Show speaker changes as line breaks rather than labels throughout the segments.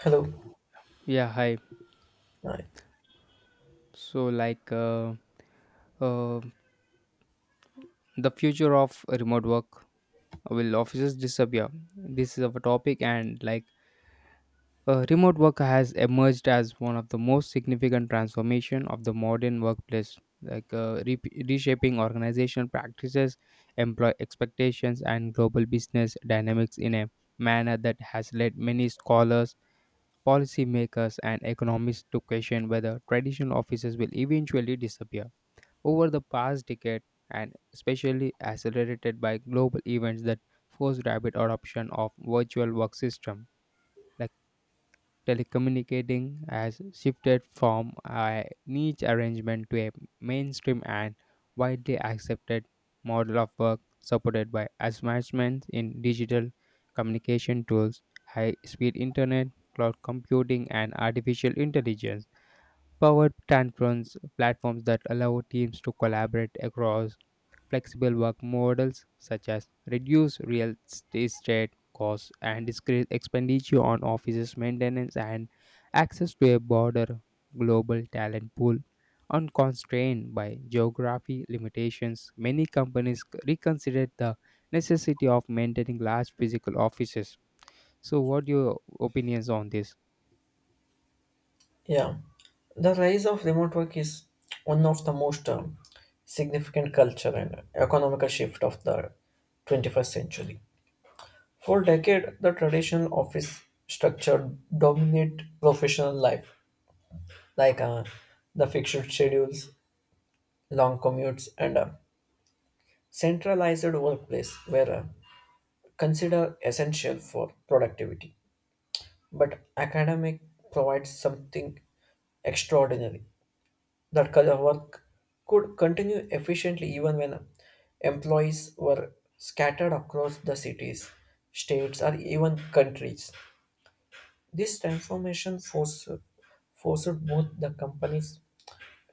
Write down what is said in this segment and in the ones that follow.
Hello.
Yeah, hi.
Right.
So, uh, the future of remote work, will offices disappear? This is of a topic, and remote work has emerged as one of the most significant transformation of the modern workplace, reshaping organizational practices, employee expectations, and global business dynamics in a manner that has led many scholars, policymakers, and economists to question whether traditional offices will eventually disappear. Over the past decade and especially accelerated by global events that forced rapid adoption of virtual work system, like telecommunicating has shifted from a niche arrangement to a mainstream and widely accepted model of work, supported by advancements in digital communication tools, high speed internet, cloud computing, and artificial intelligence powered platforms that allow teams to collaborate across flexible work models, such as reduce real estate costs and discrete expenditure on offices maintenance, and access to a broader global talent pool unconstrained by geography limitations. Many reconsidered the necessity of maintaining large physical offices. So what your opinions on this?
Yeah. The rise of remote work is one of the most significant culture and economical shift of the 21st century. For decade, the traditional office structure dominate professional life, like uh, the fixed schedules, long commutes, and a centralized workplace were considered essential for productivity. But academic provides something extraordinary that kind of work could continue efficiently even when employees were scattered across the cities, states, or even countries. This transformation forced both the companies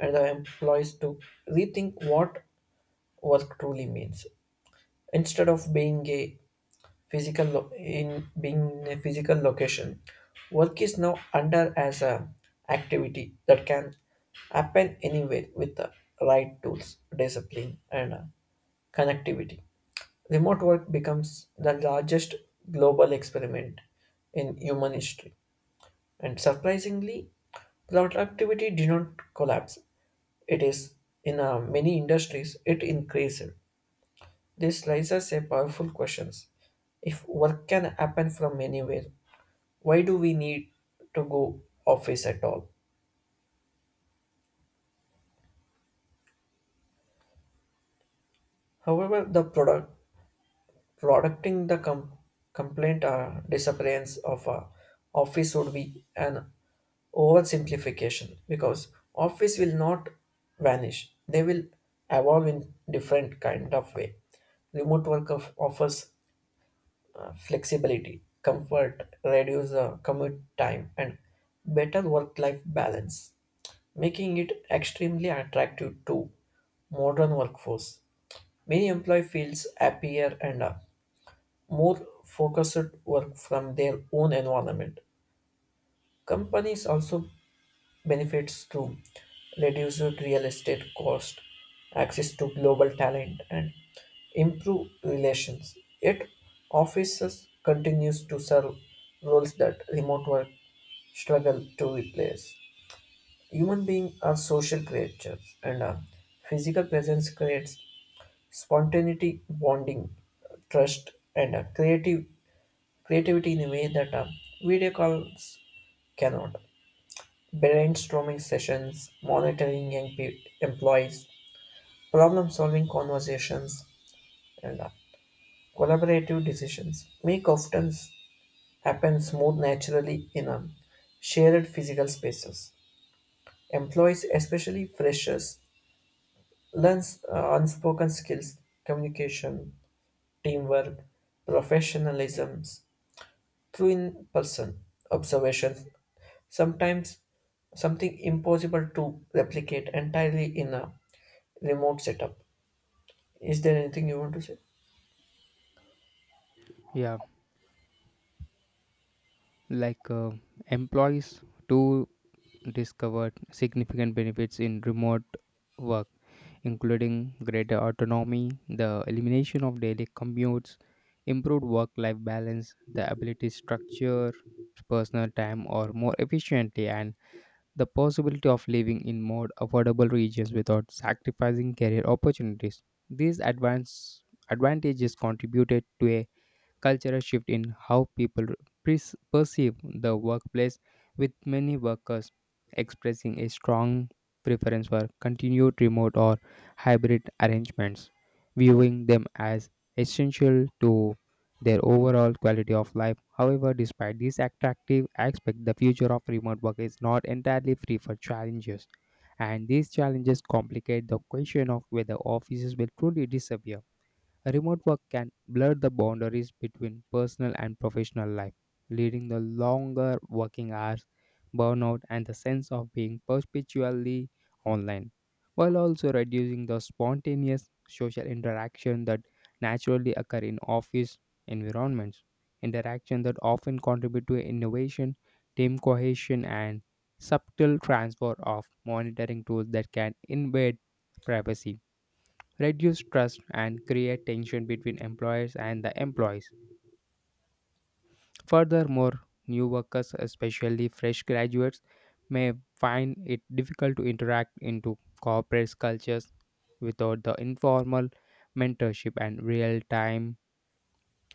and the employees to rethink what work truly means. Instead of being a in being a physical location. Work is now under as a activity that can happen anywhere with the right tools, discipline, and connectivity. Remote work becomes the largest global experiment in human history, and surprisingly, productivity did not collapse. It is in many industries it increased. This raises a powerful questions. If work can happen from anywhere, why do we need to go office at all? However, the product producting the com- complaint or disappearance of a office would be an oversimplification because office will not vanish. They will evolve in different kind of way. Remote work of offers flexibility, comfort, reduce commute time, and better work life balance, making it extremely attractive to modern workforce. Many employee feels happier and more focused work from their own environment. Companies also benefits to reduced real estate cost, access to global talent, and improve relations. Yet, offices continues to serve roles that remote work struggle to replace. Human beings are social creatures, and a physical presence creates spontaneity, bonding, trust, and a creative creativity in a way that a video calls cannot. Brainstorming sessions, employees, problem solving conversations, and collaborative decisions happen smooth naturally in a shared physical spaces. Employees, especially freshers, learn unspoken skills, communication, teamwork, professionalism through in person observations, sometimes something impossible to replicate entirely in a remote setup. Is there anything you want to say?
Yeah, like uh, employees too discovered significant benefits in remote work, including greater autonomy, the elimination of daily commutes, improved work life balance, the ability to structure personal time or more efficiently, and the possibility of living in more affordable regions without sacrificing career opportunities. These advance advantages contributed to a cultural shift in how people perceive the workplace, with many workers expressing a strong preference for continued remote or hybrid arrangements, viewing them as essential to their overall quality of life. However, despite this attractive aspect, the future of remote work is not entirely free for challenges, and these challenges complicate the question of whether offices will truly disappear. Remote work can blur the boundaries between personal and professional life, leading to longer working hours, burnout, and the sense of being perpetually online, while also reducing the spontaneous social interaction that naturally occur in office environments, interaction that often contribute to innovation, team cohesion, and subtle transfer of monitoring tools that can invade privacy, reduce trust, and create tension between employers and the employees. Furthermore, new workers, especially fresh graduates, may find it difficult to interact into corporate cultures without the informal mentorship and real-time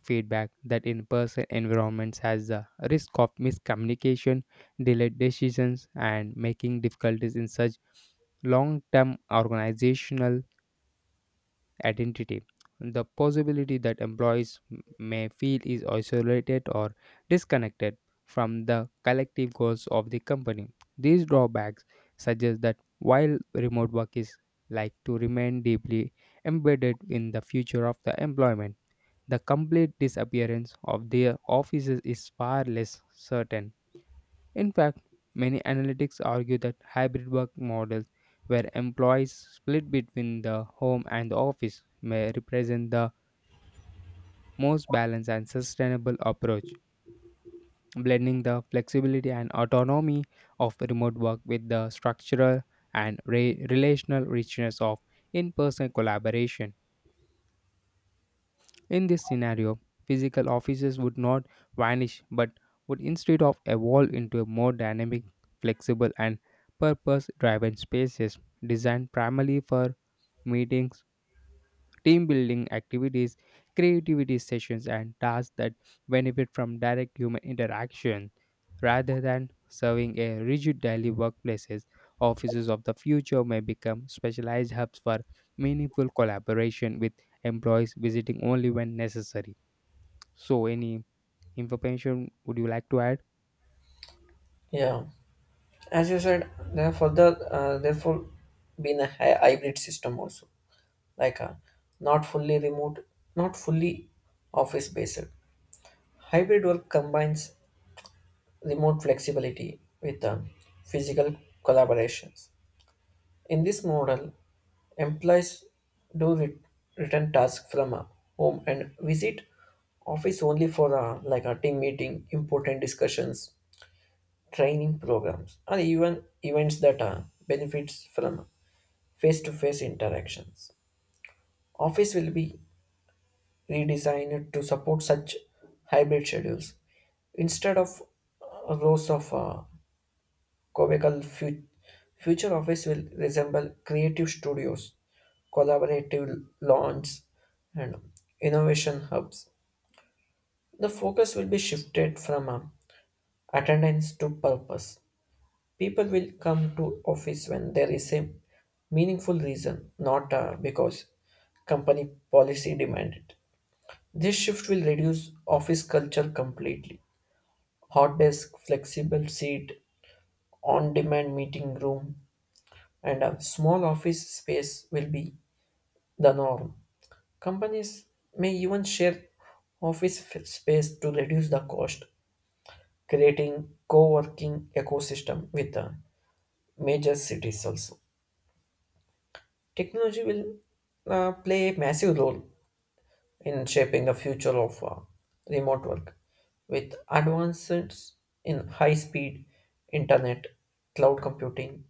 feedback that in-person environments has the risk of miscommunication, delayed decisions, and making difficulties in such long-term organizational identity. The possibility that may feel is isolated or disconnected from the collective goals of the company. These drawbacks suggest that while remote work is like to remain deeply embedded in the future of the employment, the complete disappearance of their offices is far less certain. In fact, many analytics argue that hybrid work models, where employees split between the home and the office, may represent the most balanced and sustainable approach, blending the flexibility and autonomy of remote work with the structural and relational richness of in person collaboration. In this scenario, physical offices would not vanish but would instead of evolve into a more dynamic, flexible, and purpose-driven spaces designed primarily for meetings, team building activities, creativity sessions, and tasks that benefit from direct human interaction rather than serving a rigid daily workplaces. Offices of the future may become specialized hubs for meaningful collaboration, with employees visiting only when necessary. So, any information would you like to add?
Yeah, as you said, there further therefore been a hybrid system also, like a not fully remote, not fully office based. Hybrid work combines remote flexibility with physical collaborations. In this model, employees do re- return tasks from home and visit office only for like a team meeting, important discussions, training programs, or even events that benefits from face-to-face interactions. Office will be redesigned to support such hybrid schedules. Instead of rows of cubicle, future office will resemble creative studios, collaborative lawns, and innovation hubs. The focus will be shifted from attendance to purpose. People will come to office when there is a meaningful reason, not because company policy demand it. This shift will reduce office culture completely. Hot desk, flexible seat, on demand meeting room, and a small office space will be the norm. Companies may even share space to reduce the cost, creating co working ecosystem with the major cities also. Technology will play a massive role in shaping the future of remote work with advances in high speed internet, cloud computing,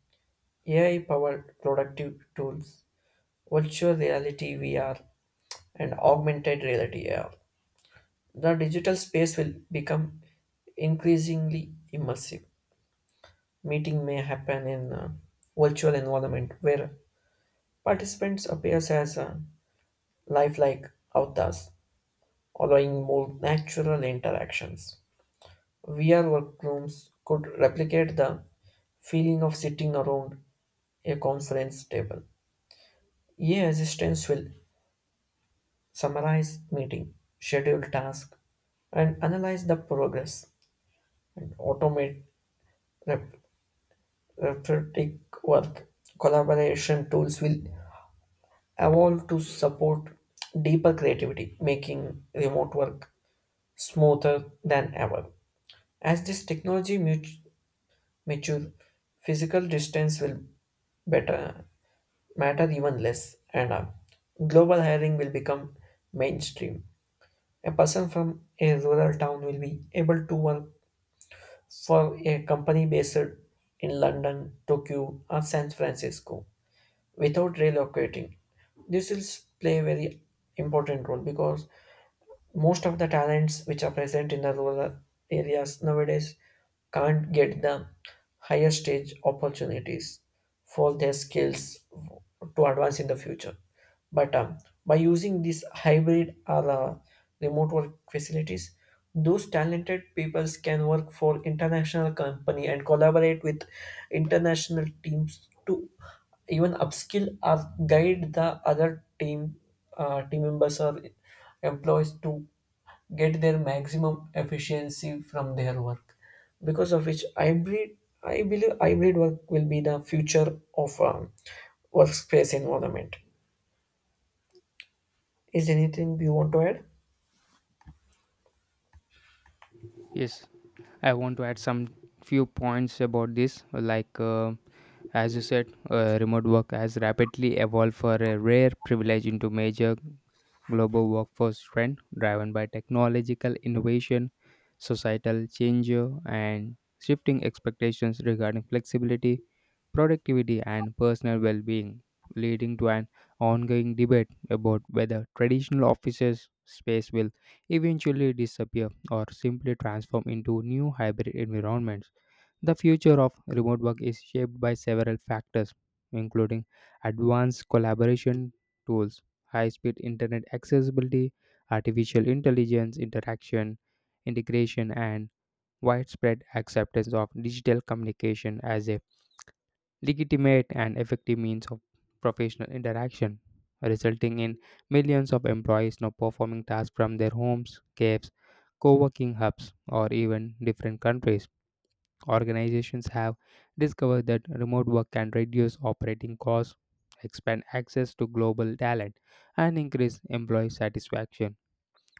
AI powered productive tools, virtual reality VR, and augmented reality AR. The digital space will become increasingly immersive. Meeting may happen in a virtual environment where participants appears as a lifelike avatars allowing more natural interactions. VR workrooms could replicate the feeling of sitting around a conference table. AI assistants will summarize meeting, schedule tasks, and analyze the progress and automate rep- repetitive work. Collaboration tools will evolve to support deeper creativity, making remote work smoother than ever. As this mature, physical distance will better matter even less, and global hiring will become mainstream. A person from a rural town will be able to work for a company based in London, Tokyo, or San Francisco without relocating. This will play a very important role because most of the talents which are present in the rural areas nowadays can't get the higher stage opportunities for their skills to advance in the future. But by using these hybrid or remote work facilities, those talented peoples can work for international company and collaborate with international teams to even upskill or guide the other team members or employees to get their maximum efficiency from their work, because of which hybrid I believe hybrid work will be the future of workspace environment. Is there anything you want to add?
Yes, I want to add some few points about this. As you said, remote work has rapidly evolved for a rare privilege into major global workforce trend driven by technological innovation, societal change, and shifting expectations regarding flexibility, productivity, and personal well being, leading to an ongoing debate about whether traditional offices space will eventually disappear or simply transform into new hybrid environments. The future of remote work is shaped by several factors, including advanced collaboration tools, high speed internet accessibility, artificial intelligence interaction, integration, and widespread acceptance of digital communication as a legitimate and effective means of professional interaction, resulting in millions of employees now performing tasks from their homes, caves, co working hubs, or even different countries. Organizations have discovered that remote work can reduce operating costs, expand access to global talent, and increase employee satisfaction,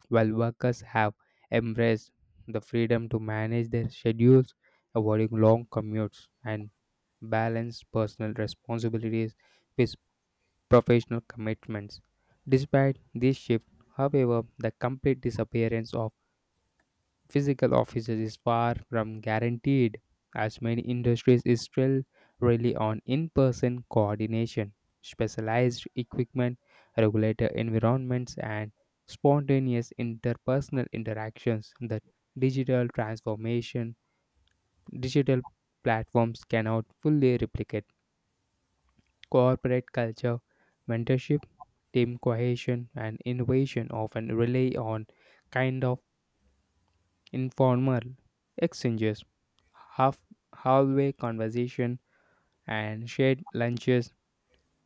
while workers have embraced the freedom to manage their schedules, avoiding long commutes and balance personal responsibilities with professional commitments. Despite this shift, however, the complete disappearance of physical offices is far from guaranteed, as many industries is still rely on in-person coordination, specialized equipment, regulator environments, and spontaneous interpersonal interactions that digital transformation, digital platforms cannot fully replicate. Corporate culture, mentorship, team cohesion, and innovation often rely on kind of informal exchanges, half hallway conversation, and shared lunches,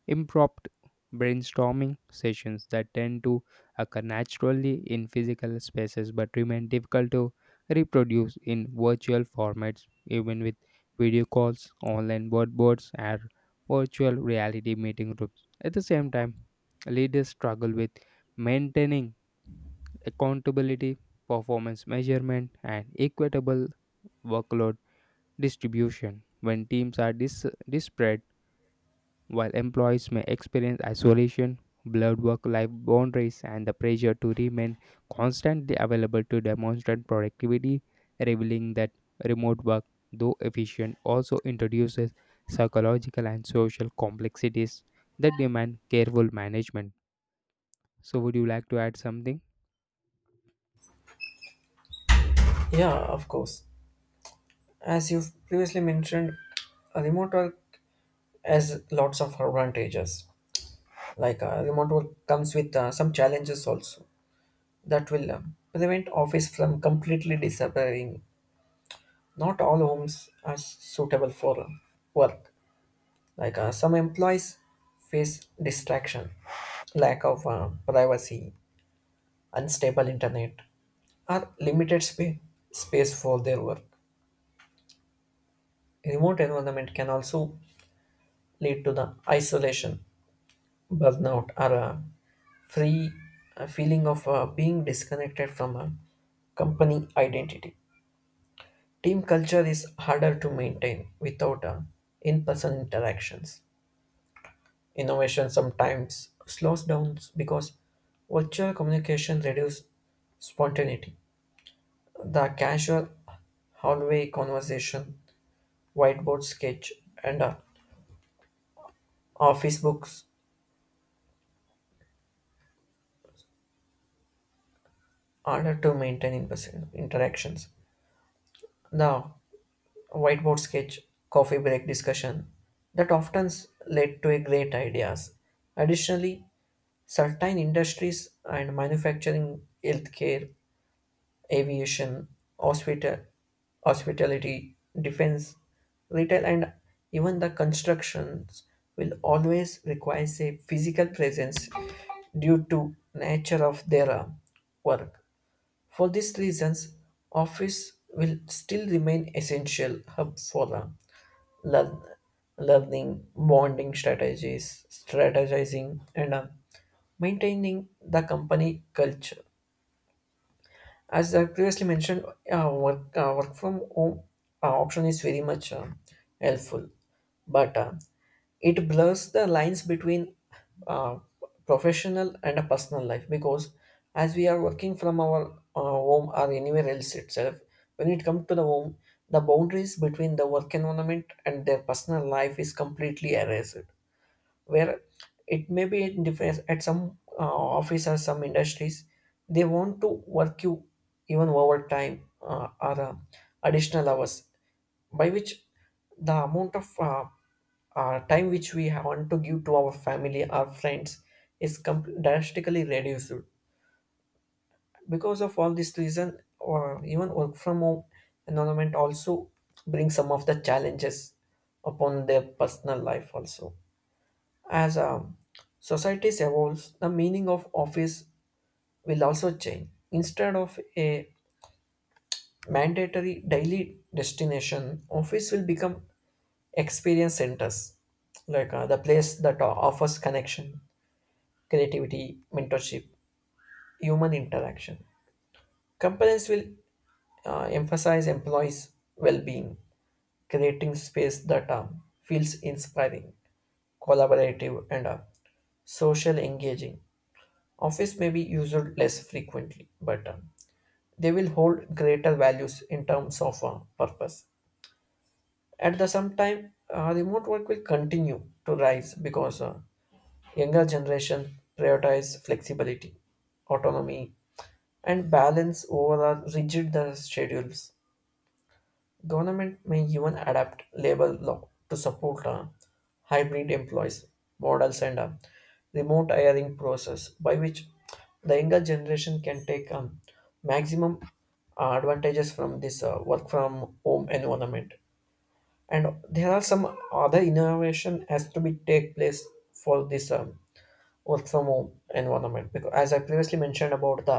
impromptu brainstorming sessions that tend to occur naturally in physical spaces but remain difficult to reproduce in virtual formats, even with video calls, online boards, and virtual reality meeting rooms. At the same time, leaders struggle with maintaining accountability, performance measurement, and equitable workload distribution when teams are disparate, while employees may experience isolation, blurred work life boundaries, and the pressure to remain constantly available to demonstrate productivity, revealing that remote work, though efficient, also introduces psychological and social complexities that demand careful management. So, would you like to add something?
Yeah, of course. As you've previously mentioned, a remote work has lots of advantages. Remote work comes with some challenges also that will prevent office from completely disappearing. Not all homes are suitable for work. Some employees face distraction, lack of privacy, unstable internet, or space for their work. Remote environment can also lead to the isolation, burnout, or a free feeling of being disconnected from a company identity. Team culture is harder to maintain without in-person interactions. Innovation sometimes slows down because virtual communication reduces spontaneity. The casual hallway conversation, whiteboard sketch, and office books are to maintain in-person interactions. The whiteboard sketch, coffee break discussion that often led to a great ideas. Additionally, certain industries and manufacturing, healthcare, aviation, hospital, hospitality, defense, retail, and even the constructions will always require a physical presence due to nature of their work. For these reasons, office will still remain essential hub for learn, learning, bonding strategies, strategizing, and maintaining the company culture. As I previously mentioned, work from home option is very much helpful, but it blurs the lines between uh, professional and a personal life because as we are working from our home or anywhere else itself, when it comes to the home, the boundaries between the work environment and their personal life is completely erased, where it may be in different at some office or some industries they want to work you even overtime or additional hours, by which the amount of time which we want to give to our family our friends is drastically reduced because of all this reason, or even work from home environment also brings some of the challenges upon their personal life also. As societies evolves, the meaning of office will also change. Instead of a mandatory daily destination, office will become experience centers, the place that offers connection, creativity, mentorship, human interaction. Companies will emphasize employees' well-being, creating space that feels inspiring, collaborative, and social engaging. Office may be used less frequently, but they will hold greater values in terms of purpose. At the same time, remote work will continue to rise because younger generation prioritize flexibility, autonomy, and balance over the rigid schedules. Government may even adapt labor law to support hybrid employees models and remote hiring process, by which the younger generation can take maximum advantages from this work from home environment. And there are some other innovation has to be take place for this work from home environment, because as I previously mentioned about the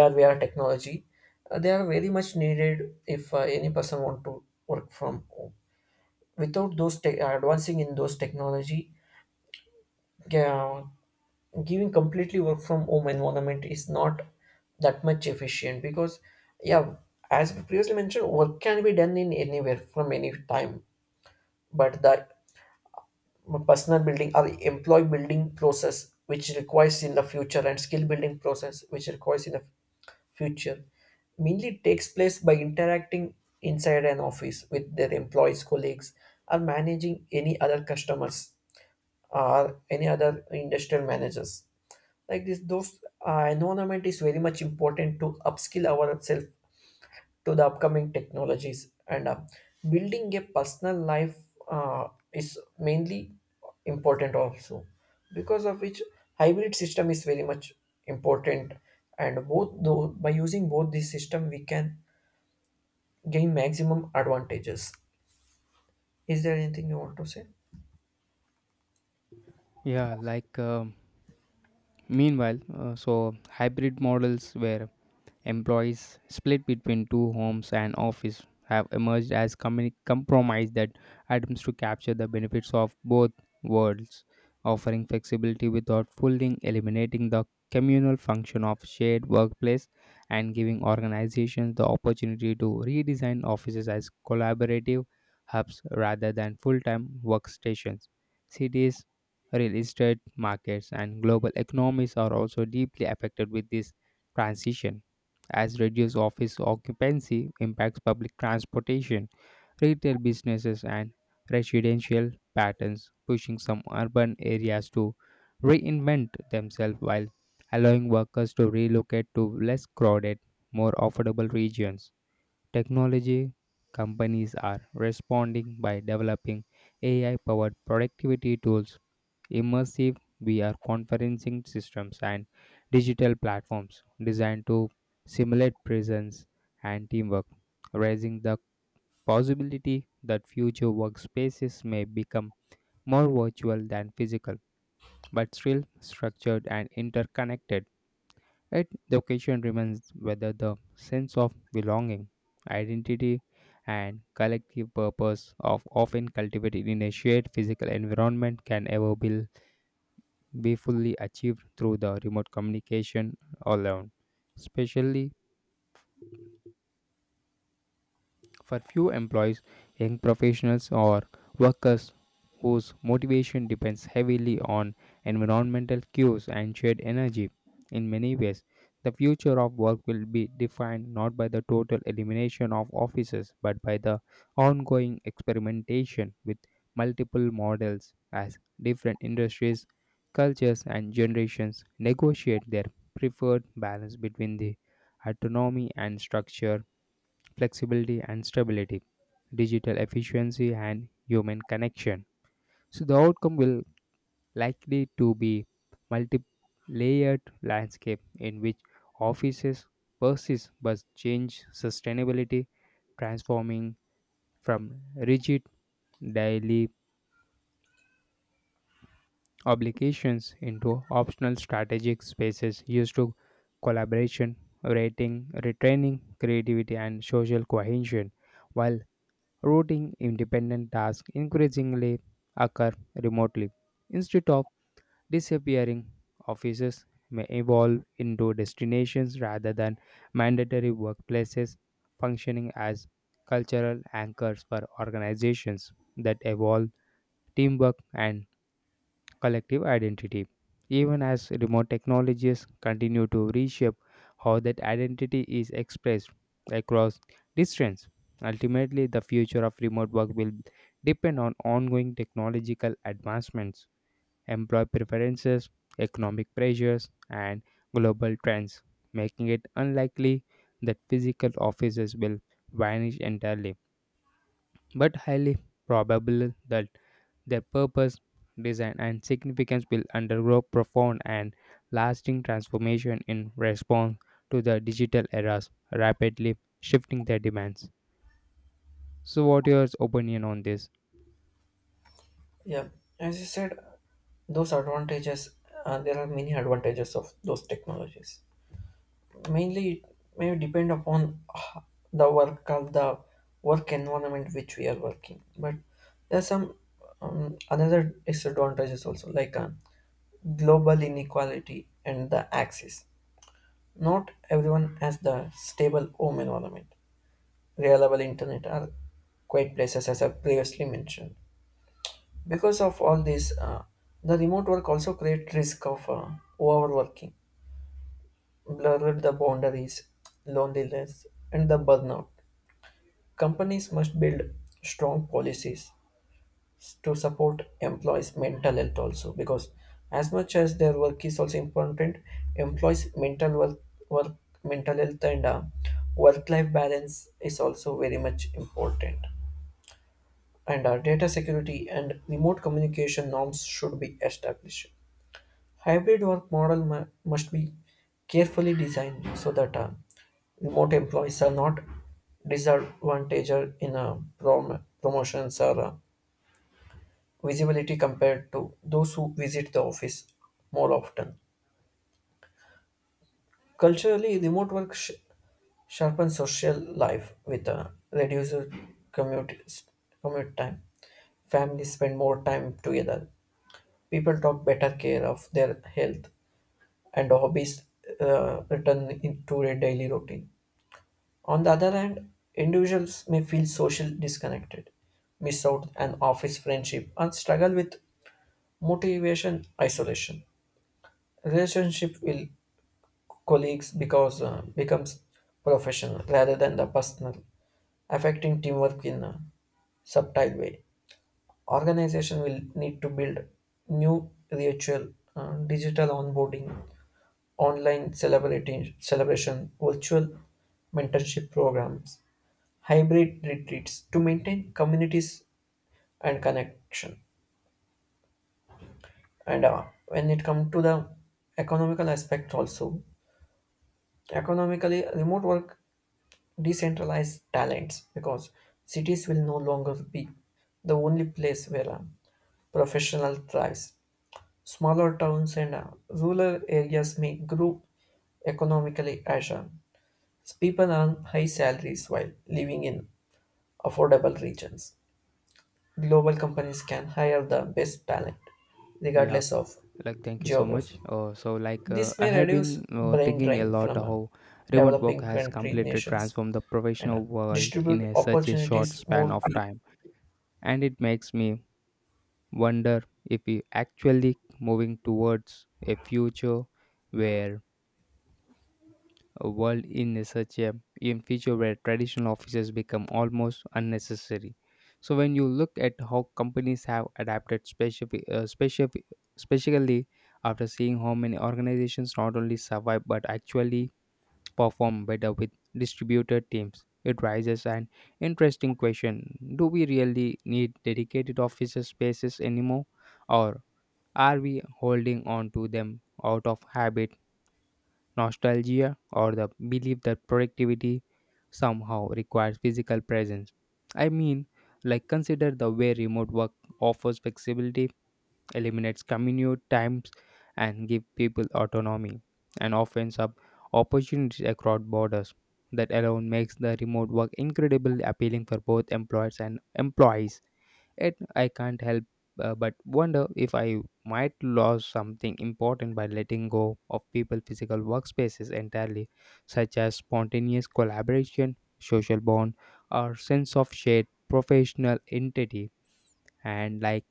AR VR technology, they are very much needed if any person want to work from home. Without those advancing in those technology, uh, giving completely work from home environment is not that much efficient, because yeah, as previously mentioned, work can be done in anywhere from any time, but the personal building or employee building process which requires in the future, and skill building process which requires in the future, mainly takes place by interacting inside an office with their employees colleagues or managing any other customers or any other industrial managers. Like this, those environment is very much important to upskill ourselves to the upcoming technologies, and building a personal life uh, is mainly important also, because of which hybrid system is very much important, and both, though by using both these system, we can gain maximum advantages. Is there anything you want to say?
Yeah, like um, Meanwhile, hybrid models, where employees split between two homes and office, have emerged as compromise that attempts to capture the benefits of both worlds, offering flexibility without fully eliminating the communal function of shared workplace and giving organizations the opportunity to redesign offices as collaborative hubs rather than full-time workstations. Cities, real estate markets, and global economies are also deeply affected with this transition, as reduced office occupancy impacts public transportation, retail businesses, and residential patterns, pushing some urban areas to reinvent themselves while allowing workers to relocate to less crowded, more affordable regions. Technology companies are responding by developing AI powered productivity tools, immersive VR conferencing systems, and digital platforms designed to simulate presence and teamwork, raising the possibility that future workspaces may become more virtual than physical, but still structured and interconnected. Yet the question remains whether the sense of belonging, identity, and collective purpose of often cultivated in a shared physical environment can ever be fully achieved through the remote communication alone, especially for few employees, young professionals, or workers whose motivation depends heavily on environmental cues and shared energy. In many ways, the future of work will be defined not by the total elimination of offices but by the ongoing experimentation with multiple models, as different industries, cultures, and generations negotiate their preferred balance between the autonomy and structure, flexibility and stability, digital efficiency and human connection. So the outcome will likely to be multi-layered landscape in which offices persist but change sustainability, transforming from rigid daily obligations into optional strategic spaces used to collaboration, rating, retraining, creativity, and social cohesion, while routing independent tasks increasingly occur remotely. Instead of disappearing, offices may evolve into destinations rather than mandatory workplaces, functioning as cultural anchors for organizations that evolve teamwork and collective identity, even as remote technologies continue to reshape how that identity is expressed across distance. Ultimately, the future of remote work will depend on ongoing technological advancements, employee preferences, economic pressures, and global trends, making it unlikely that physical offices will vanish entirely, but highly probable that their purpose, design, and significance will undergo profound and lasting transformation in response to the digital era's rapidly shifting their demands. So, what your opinion on this?
Yeah, as you said, those advantages, there are many advantages of those technologies, mainly it may depend upon the work of the work environment which we are working, but there's some another disadvantages also, global inequality and the access. Not everyone has the stable home environment, reliable internet, or quiet places, as I previously mentioned. Because of all this, the remote work also create risk of overworking, blurred the boundaries, loneliness, and the burnout. Companies must build strong policies to support employees' mental health also, because as much as their work is also important, employees' work mental health and work-life balance is also very much important. And data security and remote communication norms should be established. Hybrid work model must be carefully designed so that remote employees are not disadvantaged in promotions or visibility compared to those who visit the office more often. Culturally, remote work sharpens social life with reduced commute, commute time. Families spend more time together. People talk better care of their health and hobbies return into their daily routine. On the other hand, individuals may feel socially disconnected, miss out an office friendship, and struggle with motivation isolation. Relationship with colleagues because becomes professional rather than the personal, affecting teamwork in a subtle way. Organization will need to build new ritual, digital onboarding, online celebrating celebration, virtual mentorship programs, hybrid retreats to maintain communities and connection. And when it comes to the economical aspect also, economically remote work decentralized talents because cities will no longer be the only place where professional thrives. Smaller towns and rural areas may grow economically as people earn high salaries while living in affordable regions. Global companies can hire the best talent,
Yeah,
regardless of
like thank you so
geography.
much.
This
I
may
have
reduce
been
brain
thinking a
drain
lot
from
how remote work
developing
has
country
completely
nations
transformed the
and
professional world in
distribute
a, such a short
opportunities
span
more
of
equally.
time, and it makes me wonder if we actually moving towards a future where a world in a such a in future where traditional offices become almost unnecessary. So when you look at how companies have adapted specifically, after seeing how many organizations not only survive but actually perform better with distributed teams, it raises an interesting question. Do we really need dedicated office spaces anymore, or are we holding on to them out of habit, nostalgia, or the belief that productivity somehow requires physical presence? I mean, like consider the way remote work offers flexibility, eliminates commute times, and give people autonomy, and opens up opportunities across borders. That alone makes the remote work incredibly appealing for both employers and employees. Yet I can't help but wonder if I might lose something important by letting go of people physical workspaces entirely, such as spontaneous collaboration, social bond, or sense of shared professional identity. And like,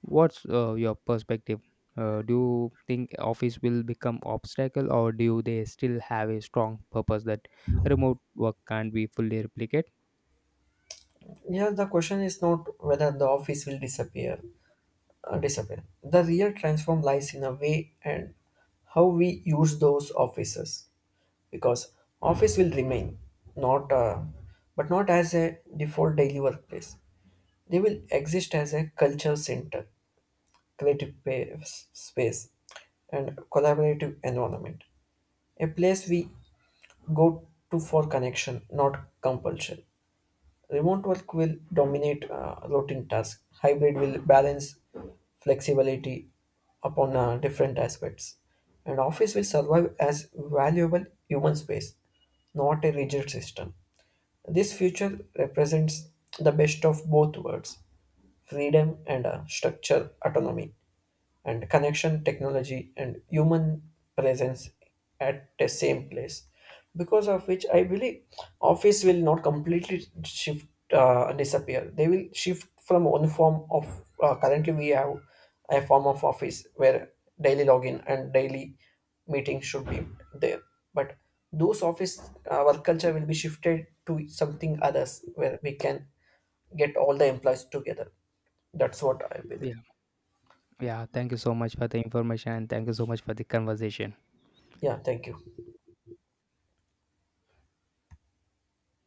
what's your perspective? Do you think office will become obstacle, or do they still have a strong purpose that remote work can't be fully replicate?
The question is not whether the office will disappear. The real transform lies in a way and how we use those offices, because office will remain not uh, not as a default daily workplace. They will exist as a culture center, space, and collaborative environment. A place we go to for connection, not compulsion. Remote work will dominate routine tasks. Hybrid will balance flexibility upon different aspects. And office will survive as valuable human space, not a rigid system. This future represents the best of both worlds: freedom and structure, autonomy and connection, technology and human presence at the same place, because of which I believe office will not completely shift and disappear. They will shift from one form of currently we have a form of office where daily login and daily meeting should be there, but those office work culture will be shifted to something others where we can get all the employees together. That's what I believe.
Yeah, yeah. Thank you so much for the information, and thank you so much for the conversation.
Yeah, thank you.